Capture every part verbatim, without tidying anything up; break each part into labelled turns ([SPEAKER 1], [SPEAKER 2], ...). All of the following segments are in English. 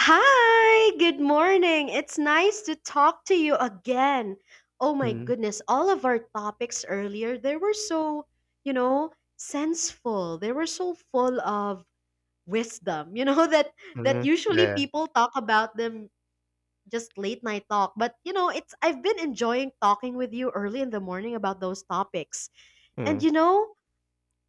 [SPEAKER 1] Hi, good morning. It's nice to talk to you again. Oh my
[SPEAKER 2] Mhm,
[SPEAKER 1] goodness, all of our topics earlier, they were so, you know, senseful. They were so full of wisdom. You know that that
[SPEAKER 2] mhm,
[SPEAKER 1] usually
[SPEAKER 2] yeah,
[SPEAKER 1] people talk about them just late night talk, but you know, it's I've been enjoying talking with you early in the morning about those topics. And
[SPEAKER 2] mm,
[SPEAKER 1] you know,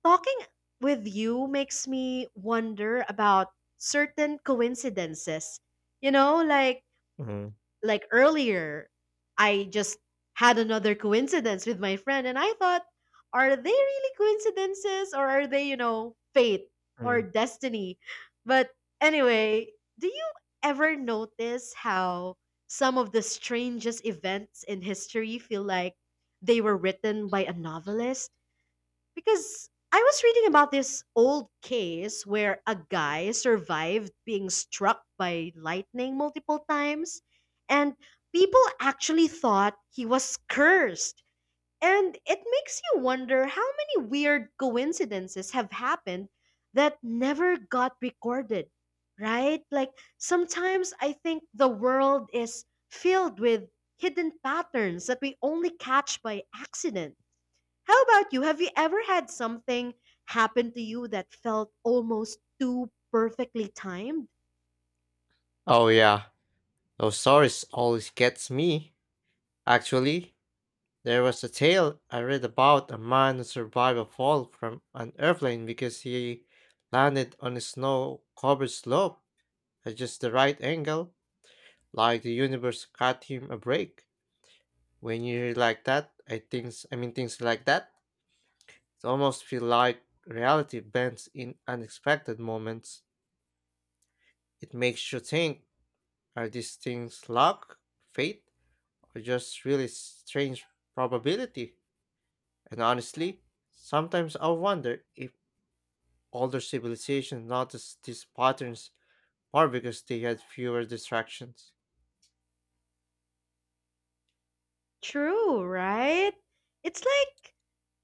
[SPEAKER 1] talking with you makes me wonder about certain coincidences. You know, like
[SPEAKER 2] mhm,
[SPEAKER 1] like earlier, I just had another coincidence with my friend, and I thought, are they really coincidences or are they, you know, fate or
[SPEAKER 2] mm.
[SPEAKER 1] destiny? But anyway, do you ever notice how some of the strangest events in history feel like they were written by a novelist? Because I was reading about this old case where a guy survived being struck by lightning multiple times, and people actually thought he was cursed. And it makes you wonder how many weird coincidences have happened that never got recorded, right? Like sometimes I think the world is filled with hidden patterns that we only catch by accident. How about you? Have you ever had something happen to you that felt almost too perfectly timed?
[SPEAKER 2] Oh, yeah, those stories always gets me. Actually, there was a tale I read about a man who survived a fall from an airplane because he landed on a snow-covered slope at just the right angle, like the universe got him a break. When you hear like that, I things, I mean things like that, it almost feel like reality bends in unexpected moments. It makes you think. Are these things luck, fate, or just really strange probability? And honestly, sometimes I wonder if older civilizations noticed these patterns or because they had fewer distractions.
[SPEAKER 1] True, right? It's like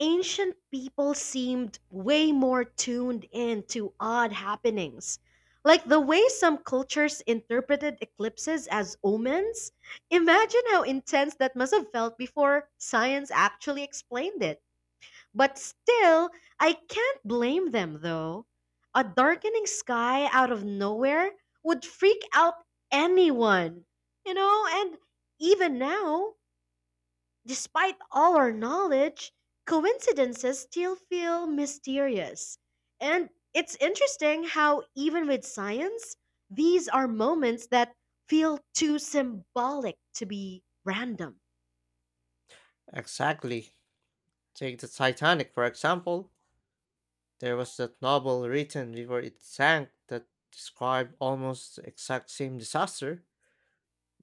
[SPEAKER 1] ancient people seemed way more tuned in to odd happenings. Like the way some cultures interpreted eclipses as omens. Imagine how intense that must have felt before science actually explained it. But still, I can't blame them though. A darkening sky out of nowhere would freak out anyone. You know, and even now, despite all our knowledge, coincidences still feel mysterious. And it's interesting how, even with science, these are moments that feel too symbolic to be random.
[SPEAKER 2] Exactly. Take the Titanic, for example. There was that novel written before it sank that described almost the exact same disaster,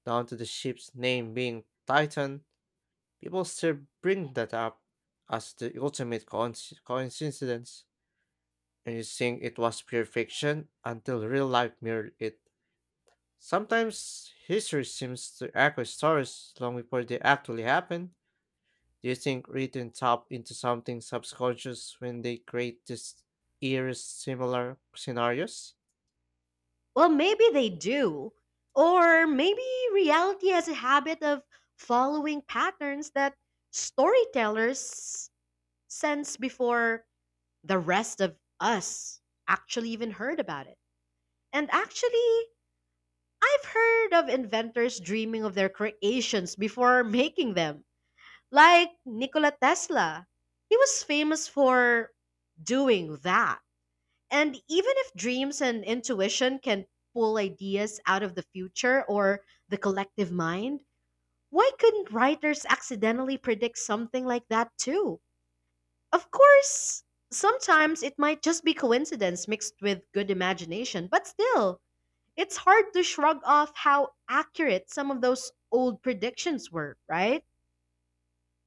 [SPEAKER 2] down to the ship's name being Titan. People still bring that up as the ultimate coinc- coincidence, and you think it was pure fiction until real life mirrored it. Sometimes history seems to echo stories long before they actually happen. Do you think written tap into something subconscious when they create these eerie similar scenarios?
[SPEAKER 1] Well, maybe they do. Or maybe reality has a habit of following patterns that storytellers sense before the rest of us actually even heard about it. And actually, I've heard of inventors dreaming of their creations before making them. Like Nikola Tesla. He was famous for doing that. And even if dreams and intuition can pull ideas out of the future or the collective mind, why couldn't writers accidentally predict something like that too? Of course, sometimes it might just be coincidence mixed with good imagination, but still, it's hard to shrug off how accurate some of those old predictions were, right?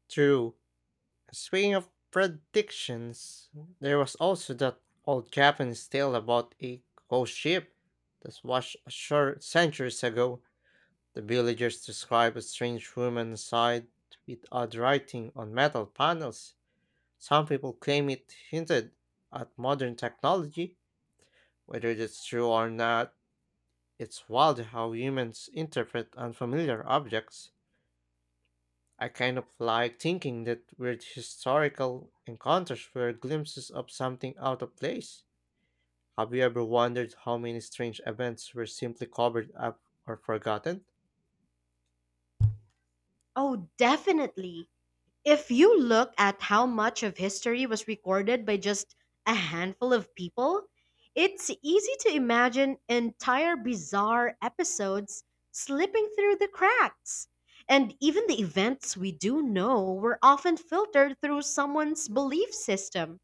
[SPEAKER 2] True. Speaking of predictions, there was also that old Japanese tale about a ghost ship that washed ashore centuries ago. The villagers describe a strange woman inside with odd writing on metal panels. Some people claim it hinted at modern technology. Whether it's true or not, it's wild how humans interpret unfamiliar objects. I kind of like thinking that weird historical encounters were glimpses of something out of place. Have you ever wondered how many strange events were simply covered up or forgotten?
[SPEAKER 1] Oh, definitely. If you look at how much of history was recorded by just a handful of people, it's easy to imagine entire bizarre episodes slipping through the cracks. And even the events we do know were often filtered through someone's belief system.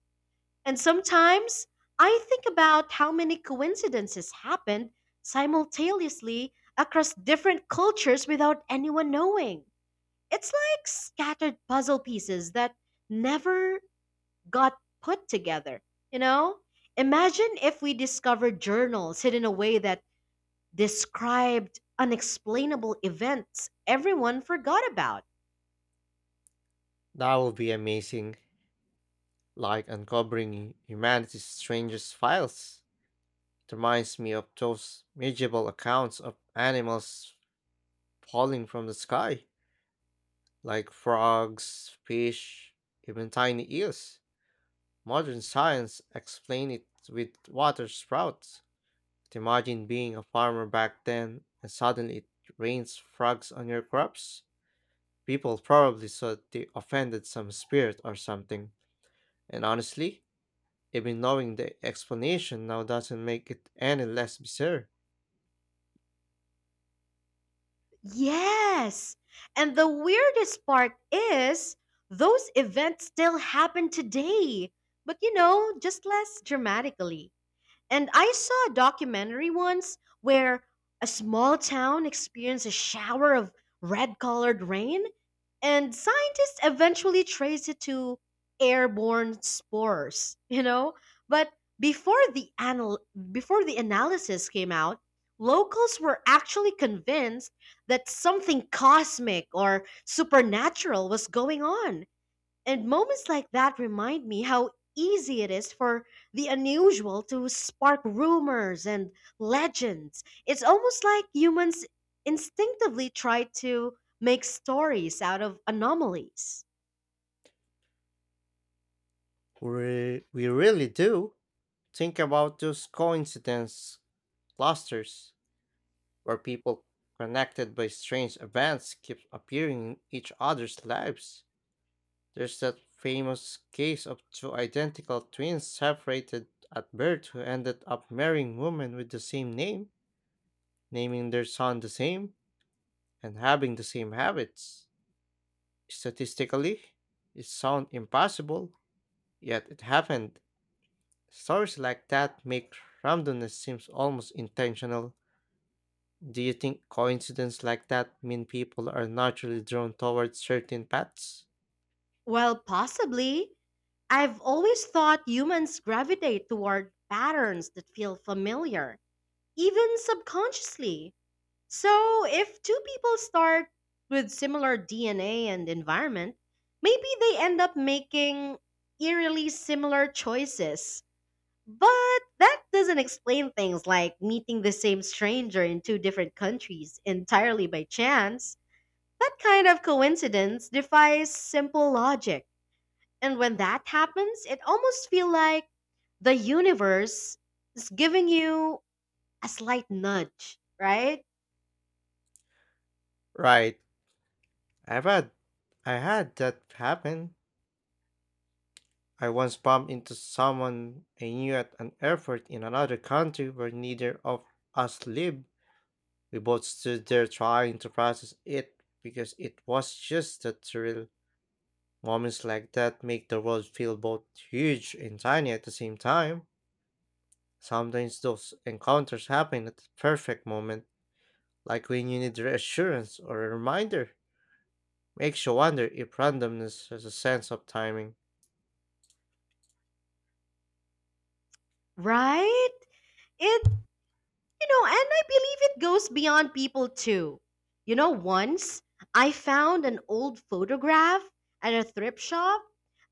[SPEAKER 1] And sometimes I think about how many coincidences happened simultaneously across different cultures without anyone knowing. It's like scattered puzzle pieces that never got put together, you know? Imagine if we discovered journals hidden away that described unexplainable events everyone forgot about.
[SPEAKER 2] That would be amazing, like uncovering humanity's strangest files. It reminds me of those medieval accounts of animals falling from the sky, like frogs, fish, even tiny eels. Modern science explains it with water sprouts. But imagine being a farmer back then and suddenly it rains frogs on your crops. People probably thought they offended some spirit or something. And honestly, even knowing the explanation now doesn't make it any less bizarre.
[SPEAKER 1] Yes. And the weirdest part is those events still happen today, but you know, just less dramatically. And I saw a documentary once where a small town experienced a shower of red colored rain, and scientists eventually traced it to airborne spores, you know? But before the anal- before the analysis came out, locals were actually convinced that something cosmic or supernatural was going on. And moments like that remind me how easy it is for the unusual to spark rumors and legends. It's almost like humans instinctively try to make stories out of anomalies.
[SPEAKER 2] We, we really do think about those coincidence clusters where people connected by strange events keep appearing in each other's lives. There's that famous case of two identical twins separated at birth who ended up marrying women with the same name, naming their son the same, and having the same habits. Statistically, it sounds impossible, yet it happened. Stories like that make randomness seems almost intentional. Do you think coincidences like that mean people are naturally drawn towards certain paths?
[SPEAKER 1] Well, possibly. I've always thought humans gravitate toward patterns that feel familiar, even subconsciously. So, if two people start with similar D N A and environment, maybe they end up making eerily similar choices. But that doesn't explain things like meeting the same stranger in two different countries entirely by chance. That kind of coincidence defies simple logic. And when that happens, it almost feels like the universe is giving you a slight nudge, right?
[SPEAKER 2] Right. I've had I had that happen. I once bumped into someone I knew at an airport in another country where neither of us lived. We both stood there trying to process it because it was just a thrill. Moments like that make the world feel both huge and tiny at the same time. Sometimes those encounters happen at the perfect moment, like when you need reassurance or a reminder. Makes you wonder if randomness has a sense of timing.
[SPEAKER 1] Right? it You know, and I believe it goes beyond people too. You know, once I found an old photograph at a thrift shop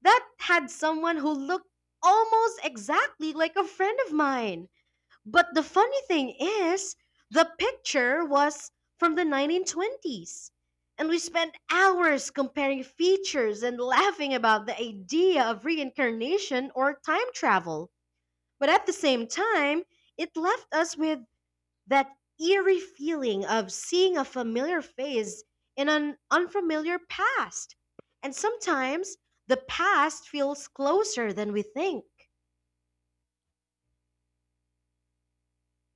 [SPEAKER 1] that had someone who looked almost exactly like a friend of mine. But the funny thing is, the picture was from the nineteen twenties. And we spent hours comparing features and laughing about the idea of reincarnation or time travel. But at the same time, it left us with that eerie feeling of seeing a familiar face in an unfamiliar past. And sometimes the past feels closer than we think.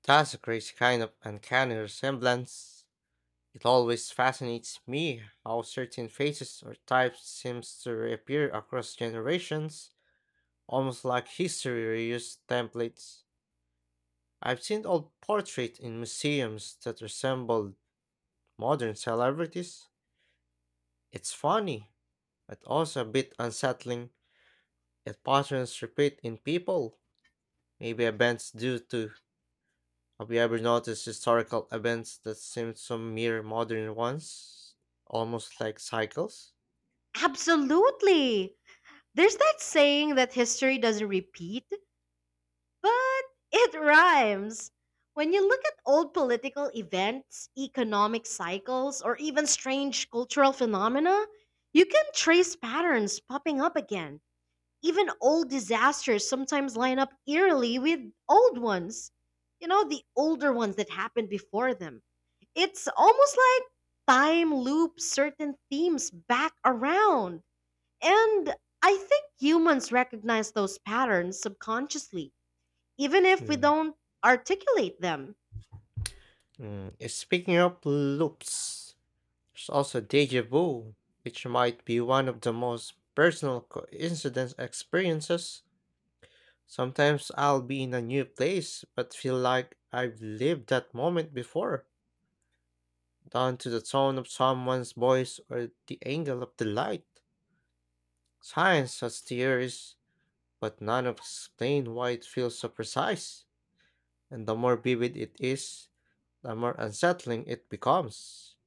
[SPEAKER 2] That's a crazy kind of uncanny resemblance. It always fascinates me how certain faces or types seems to reappear across generations, almost like history reused templates. I've seen old portraits in museums that resemble modern celebrities. It's funny, but also a bit unsettling that patterns repeat in people. Maybe events do too. Have you ever noticed historical events that seem so mere modern ones? Almost like cycles?
[SPEAKER 1] Absolutely. There's that saying that history doesn't repeat, but it rhymes. When you look at old political events, economic cycles, or even strange cultural phenomena, you can trace patterns popping up again. Even old disasters sometimes line up eerily with old ones. You know, the older ones that happened before them. It's almost like time loops certain themes back around. And I think humans recognize those patterns subconsciously, even if we
[SPEAKER 2] Hmm.
[SPEAKER 1] don't articulate them.
[SPEAKER 2] Mm, eh, Speaking of loops, there's also deja vu, which might be one of the most personal coincidence experiences. Sometimes I'll be in a new place but feel like I've lived that moment before, down to the tone of someone's voice or the angle of the light. Science has theories, but none of explain why it feels so precise, and the more vivid it is, the more unsettling it becomes.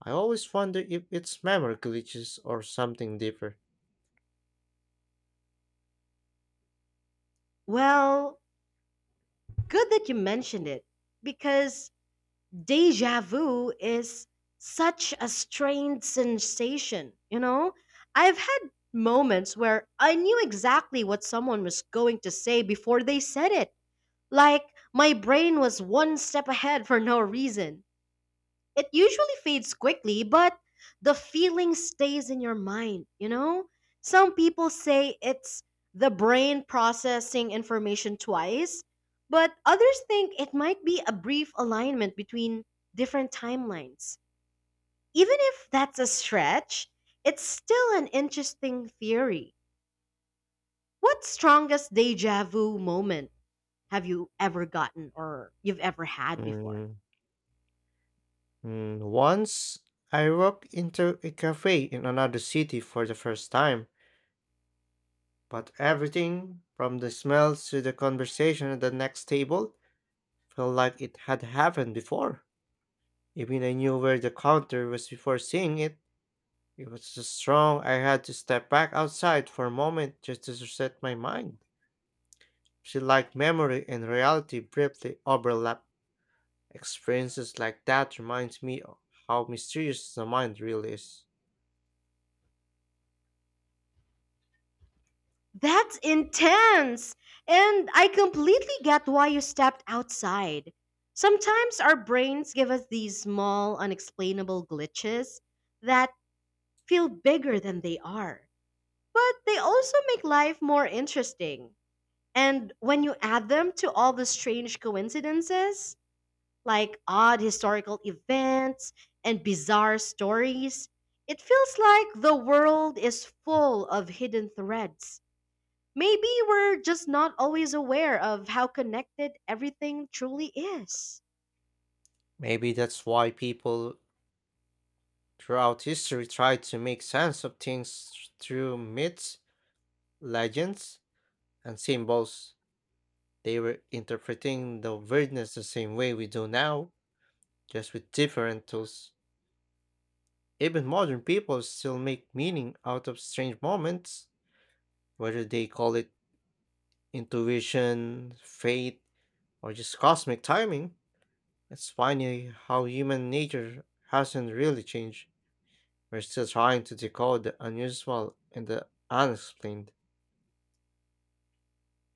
[SPEAKER 2] I always wonder if it's memory glitches or something deeper.
[SPEAKER 1] Well, good that you mentioned it, because deja vu is such a strange sensation, you know? I've had moments where I knew exactly what someone was going to say before they said it. Like my brain was one step ahead for no reason. It usually fades quickly, but the feeling stays in your mind, you know? Some people say it's the brain processing information twice, but others think it might be a brief alignment between different timelines. Even if that's a stretch, it's still an interesting theory. What strongest deja vu moment have you ever gotten or you've ever had before?
[SPEAKER 2] Mm, mm, Once I walked into a cafe in another city for the first time, but everything from the smells to the conversation at the next table felt like it had happened before. Even I knew where the counter was before seeing it. It was so strong I had to step back outside for a moment just to reset my mind. She like memory and reality briefly overlap. Experiences like that reminds me o- how mysterious the mind really is.
[SPEAKER 1] That's intense! And I completely get why you stepped outside. Sometimes our brains give us these small, unexplainable glitches that feel bigger than they are. But they also make life more interesting. And when you add them to all the strange coincidences, like odd historical events and bizarre stories, it feels like the world is full of hidden threads. Maybe we're just not always aware of how connected everything truly is.
[SPEAKER 2] Maybe that's why people throughout history tried to make sense of things through myths, legends, and symbols. They were interpreting the weirdness the same way we do now, just with different tools. Even modern people still make meaning out of strange moments, whether they call it intuition, fate, or just cosmic timing. It's funny how human nature hasn't really changed. We're still trying to decode the unusual and the unexplained.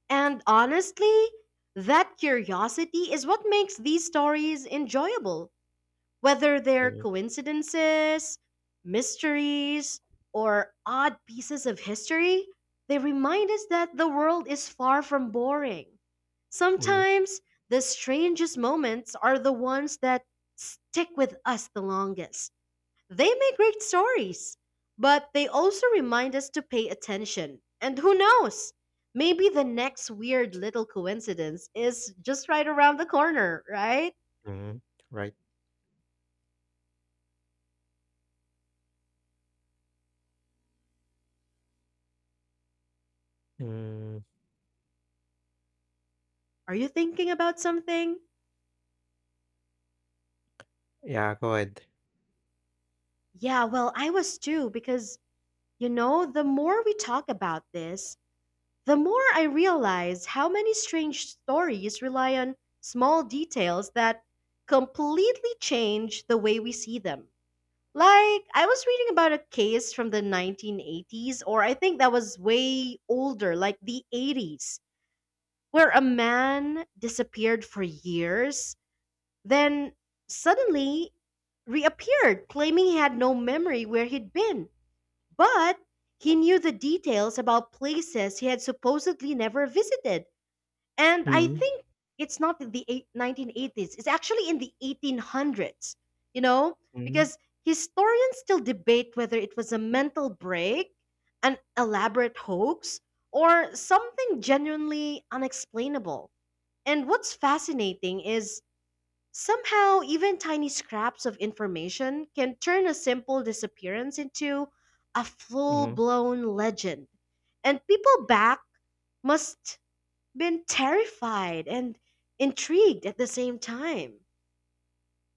[SPEAKER 1] And honestly, that curiosity is what makes these stories enjoyable, whether they're
[SPEAKER 2] Mm,
[SPEAKER 1] coincidences, mysteries, or odd pieces of history. They remind us that the world is far from boring.
[SPEAKER 2] mm,
[SPEAKER 1] Sometimes the strangest moments are the ones that stick with us the longest. They make great stories, but they also remind us to pay attention. And who knows? Maybe the next weird little coincidence is just right around the corner, right?
[SPEAKER 2] mm. Right. Mm,
[SPEAKER 1] Are you thinking about something?
[SPEAKER 2] yeah, go ahead.
[SPEAKER 1] Yeah, well, I was too, because, you know, the more we talk about this, the more I realize how many strange stories rely on small details that completely change the way we see them. Like, I was reading about a case from the nineteen eighties, or I think that was way older, like the eighties, where a man disappeared for years, then suddenly reappeared, claiming he had no memory where he'd been. But he knew the details about places he had supposedly never visited. And I
[SPEAKER 2] Mm,
[SPEAKER 1] think it's not in the eight, nineteen eighties, it's actually in the eighteen hundreds, you know,
[SPEAKER 2] mm,
[SPEAKER 1] because historians still debate whether it was a mental break, an elaborate hoax, or something genuinely unexplainable. And what's fascinating is somehow even tiny scraps of information can turn a simple disappearance into a full
[SPEAKER 2] mm.
[SPEAKER 1] blown legend. And people back must been terrified and intrigued at the same time.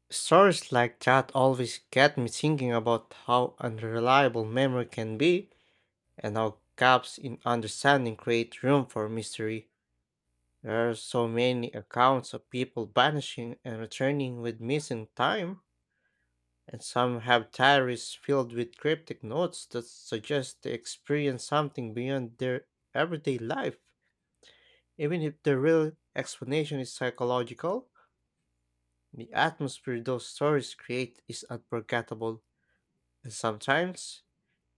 [SPEAKER 2] Stories like that always get me thinking about how unreliable memory can be and how gaps in understanding create room for mystery. There are so many accounts of people vanishing and returning with missing time, and some have diaries filled with cryptic notes that suggest they experience something beyond their everyday life. Even if the real explanation is psychological, the atmosphere those stories create is unforgettable, and sometimes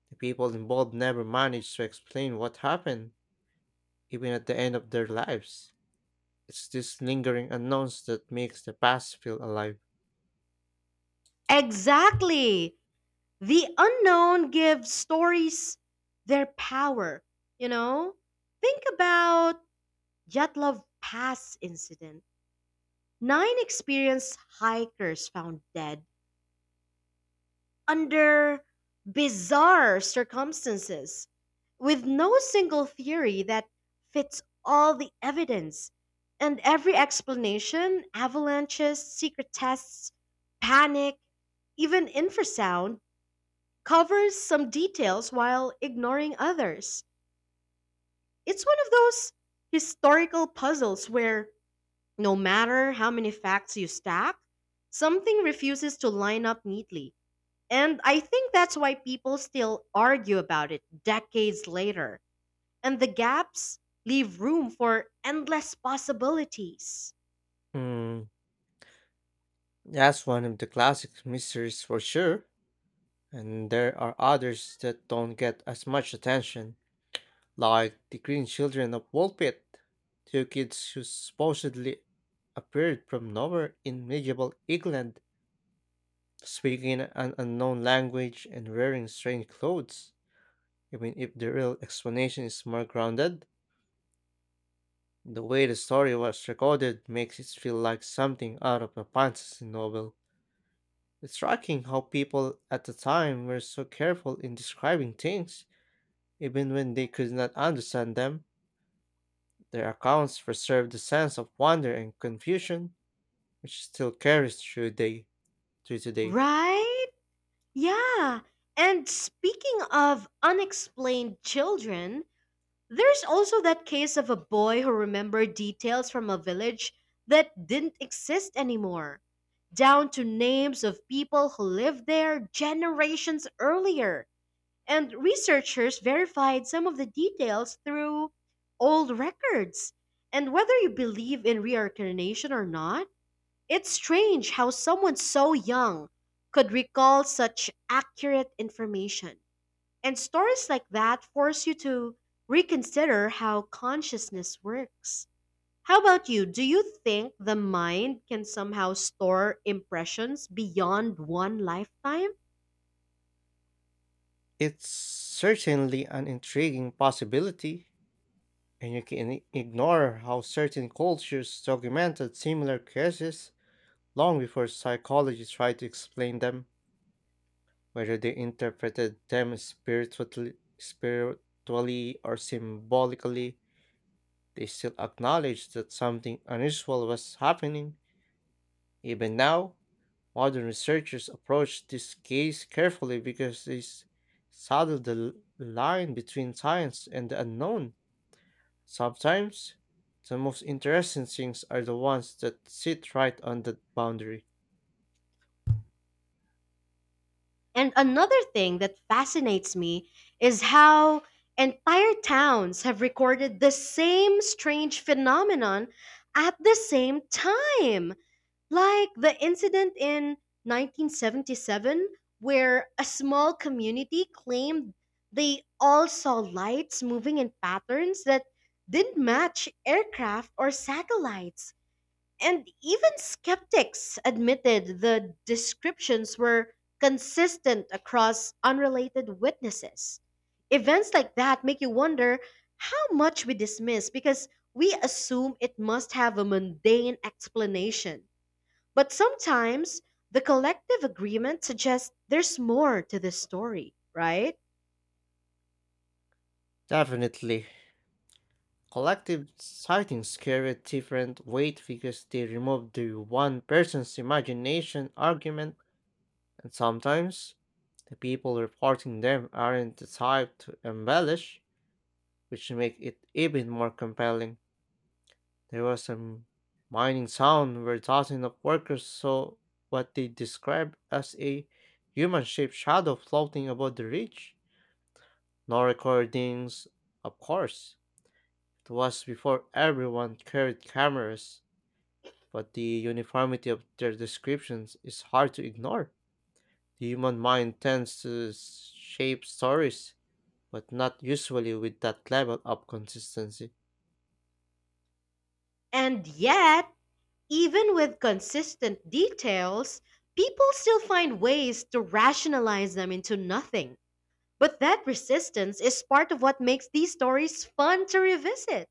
[SPEAKER 2] the people involved never manage to explain what happened, even at the end of their lives. It's this lingering unknowns that makes the past feel alive.
[SPEAKER 1] Exactly. The unknown gives stories their power, you know? Think about Jatlov Pass incident. Nine experienced hikers found dead under bizarre circumstances with no single theory that fits all the evidence and every explanation avalanches, secret tests, panic, even infrasound covers some details while ignoring others. It's one of those historical puzzles where no matter how many facts you stack, something refuses to line up neatly. And I think that's why people still argue about it decades later. And the gaps leave room for endless possibilities.
[SPEAKER 2] Hmm, that's one of the classic mysteries for sure. And there are others that don't get as much attention, like the Green Children of Woolpit, two kids who supposedly appeared from nowhere in medieval England, speaking an unknown language and wearing strange clothes. Even if the real explanation is more grounded, the way the story was recorded makes it feel like something out of a fantasy novel. It's striking how people at the time were so careful in describing things. Even when they could not understand them, their accounts preserved the sense of wonder and confusion which still carries through day through today.
[SPEAKER 1] Right? Yeah. And speaking of unexplained children, there's also that case of a boy who remembered details from a village that didn't exist anymore, down to names of people who lived there generations earlier. And researchers verified some of the details through old records. And whether you believe in reincarnation or not, it's strange how someone so young could recall such accurate information. And stories like that force you to reconsider how consciousness works. How about you? Do you think the mind can somehow store impressions beyond one lifetime?
[SPEAKER 2] It's certainly an intriguing possibility, and you can I- ignore how certain cultures documented similar cases long before psychology tried to explain them, whether they interpreted them spiritually, spiritually or symbolically. They still acknowledged that something unusual was happening. Even now, modern researchers approach this case carefully because this subtle the l- line between science and the unknown. Sometimes, the most interesting things are the ones that sit right on that boundary.
[SPEAKER 1] And another thing that fascinates me is how entire towns have recorded the same strange phenomenon at the same time. Like the incident in nineteen seventy-seven, where a small community claimed they all saw lights moving in patterns that didn't match aircraft or satellites. And even skeptics admitted the descriptions were consistent across unrelated witnesses. Events like that make you wonder how much we dismiss because we assume it must have a mundane explanation. But sometimes the collective agreement suggests there's more to the story, right?
[SPEAKER 2] Definitely, collective sightings carry a different weight because they remove the one person's imagination argument, and sometimes the people reporting them aren't the type to embellish, which make it even more compelling. There was a mining town where dozens of workers saw what they described as a human shaped shadow floating above the ridge. No recordings, of course. It was before everyone carried cameras, but the uniformity of their descriptions is hard to ignore. The human mind tends to s- shape stories, but not usually with that level of consistency.
[SPEAKER 1] And yet, even with consistent details, people still find ways to rationalize them into nothing. But that resistance is part of what makes these stories fun to revisit.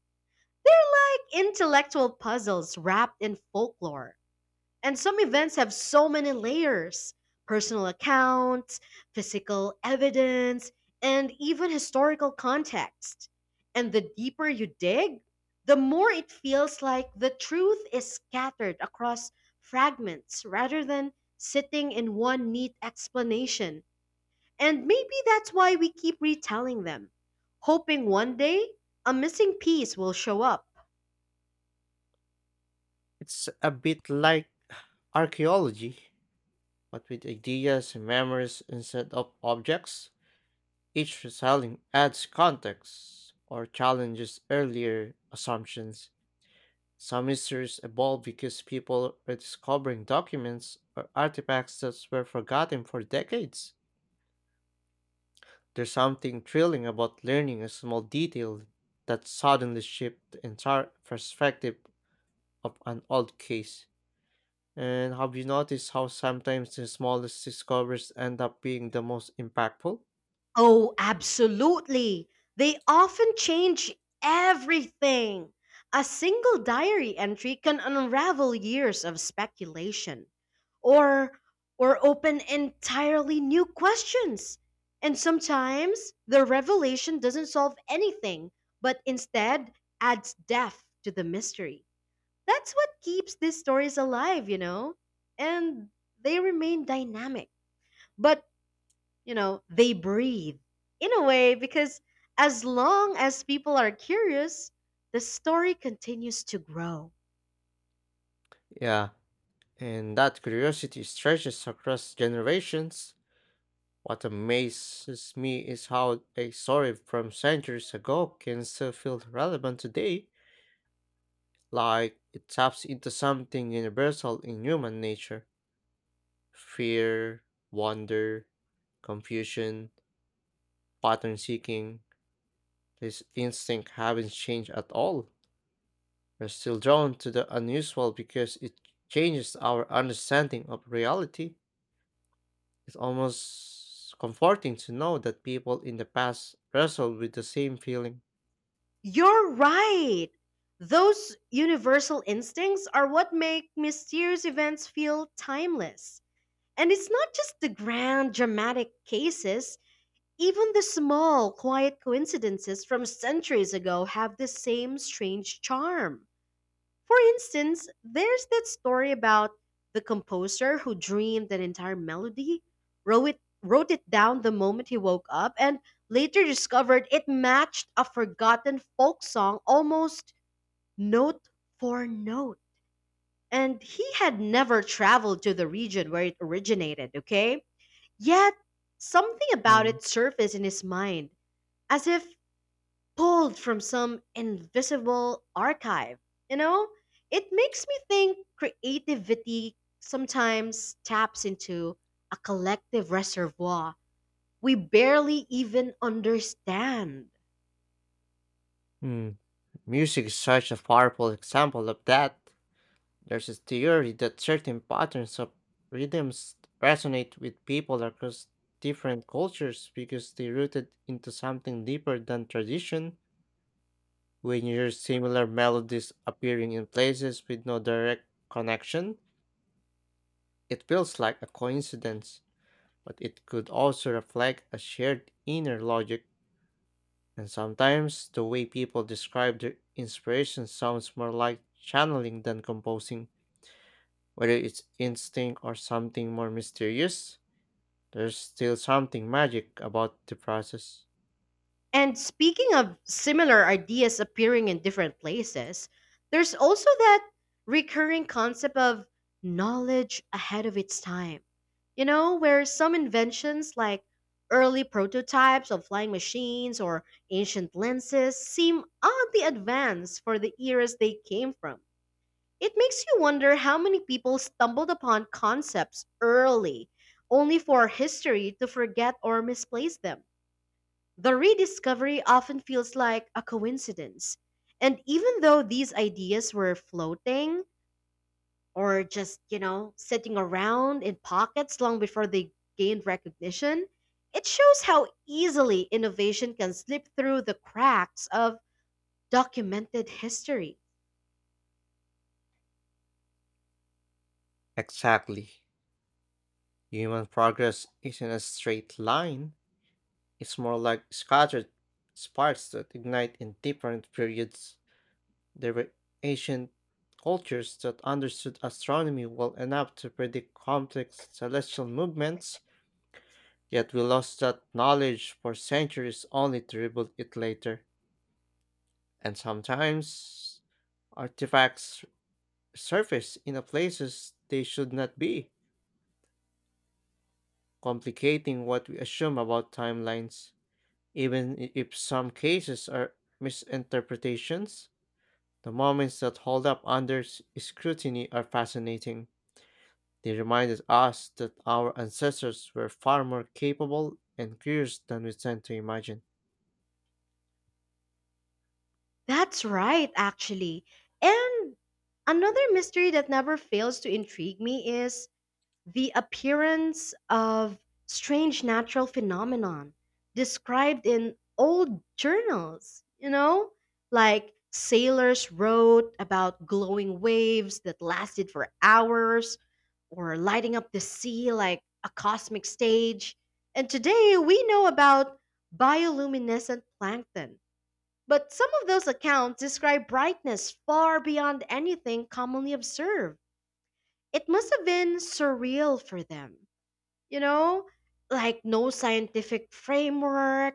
[SPEAKER 1] They're like intellectual puzzles wrapped in folklore. And some events have so many layers personal accounts, physical evidence, and even historical context. And the deeper you dig, the more it feels like the truth is scattered across fragments rather than sitting in one neat explanation, and maybe that's why we keep retelling them, hoping one day a missing piece will show up.
[SPEAKER 2] It's a bit like archaeology, but with ideas and memories instead of objects, each retelling adds context or challenges earlier assumptions. Some mysteries evolve because people are discovering documents or artifacts that were forgotten for decades. There's something thrilling about learning a small detail that suddenly shifts the entire perspective of an old case. And have you noticed how sometimes the smallest discoveries end up being the most impactful?
[SPEAKER 1] Oh, absolutely. They often change everything. A single diary entry can unravel years of speculation or or open entirely new questions. And sometimes the revelation doesn't solve anything, but instead adds depth to the mystery. That's what keeps these stories alive, you know? And they remain dynamic. But, you know, they breathe in a way because as long as people are curious, the story continues to grow.
[SPEAKER 2] Yeah, and that curiosity stretches across generations. What amazes me is how a story from centuries ago can still feel relevant today, like it taps into something universal in human nature, fear, wonder, confusion, pattern seeking. This instinct haven't changed at all. We're still drawn to the unusual because it changes our understanding of reality. It's almost comforting to know that people in the past wrestled with the same feeling.
[SPEAKER 1] You're right. Those universal instincts are what make mysterious events feel timeless. And it's not just the grand dramatic cases, even the small, quiet coincidences from centuries ago have the same strange charm. For instance, there's that story about the composer who dreamed an entire melody, wrote it, wrote it down the moment he woke up, and later discovered it matched a forgotten folk song almost note for note. And he had never traveled to the region where it originated, okay? Yet, something about
[SPEAKER 2] Mm.
[SPEAKER 1] it surfaced in his mind as if pulled from some invisible archive. You know, it makes me think creativity sometimes taps into a collective reservoir we barely even understand.
[SPEAKER 2] Mm. Music is such a powerful example of that. There's a theory that certain patterns of rhythms resonate with people across different cultures because they're rooted into something deeper than tradition. When you hear similar melodies appearing in places with no direct connection, it feels like a coincidence, but it could also reflect a shared inner logic. And sometimes the way people describe their inspiration sounds more like channeling than composing, whether it's instinct or something more mysterious. There's still something magic about the process.
[SPEAKER 1] And speaking of similar ideas appearing in different places, there's also that recurring concept of knowledge ahead of its time. You know, where some inventions like early prototypes of flying machines or ancient lenses seem oddly advanced for the eras they came from. It makes you wonder how many people stumbled upon concepts early, only for history to forget or misplace them. The rediscovery often feels like a coincidence. And even though these ideas were floating or just, you know, sitting around in pockets long before they gained recognition, it shows how easily innovation can slip through the cracks of documented history.
[SPEAKER 2] Exactly. Human progress isn't a straight line. It's more like scattered sparks that ignite in different periods. There were ancient cultures that understood astronomy well enough to predict complex celestial movements, yet we lost that knowledge for centuries only to rebuild it later. And sometimes artifacts surface in a places they should not be, complicating what we assume about timelines. Even i- if some cases are misinterpretations, the moments that hold up under s- scrutiny are fascinating. They reminded us that our ancestors were far more capable and curious than we tend to imagine.
[SPEAKER 1] That's right, actually. And another mystery that never fails to intrigue me is the appearance of strange natural phenomenon described in old journals, you know? Like sailors wrote about glowing waves that lasted for hours or lighting up the sea like a cosmic stage. And today we know about bioluminescent plankton. But some of those accounts describe brightness far beyond anything commonly observed. It must have been surreal for them, you know, like no scientific framework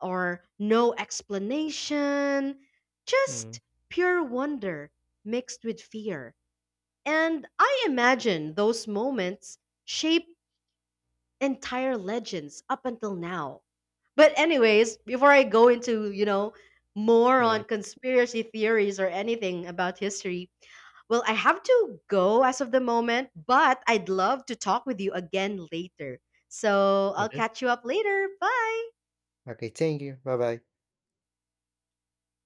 [SPEAKER 1] or no explanation,
[SPEAKER 2] Mm,
[SPEAKER 1] just pure wonder mixed with fear. And I imagine those moments shape entire legends up until now. But anyways, before I go into, you know, more
[SPEAKER 2] mm.
[SPEAKER 1] on conspiracy theories or anything about history, well, I have to go as of the moment, but I'd love to talk with you again later. So, I'll
[SPEAKER 2] Mhm.
[SPEAKER 1] catch you up later. Bye.
[SPEAKER 2] Okay, thank you. Bye bye.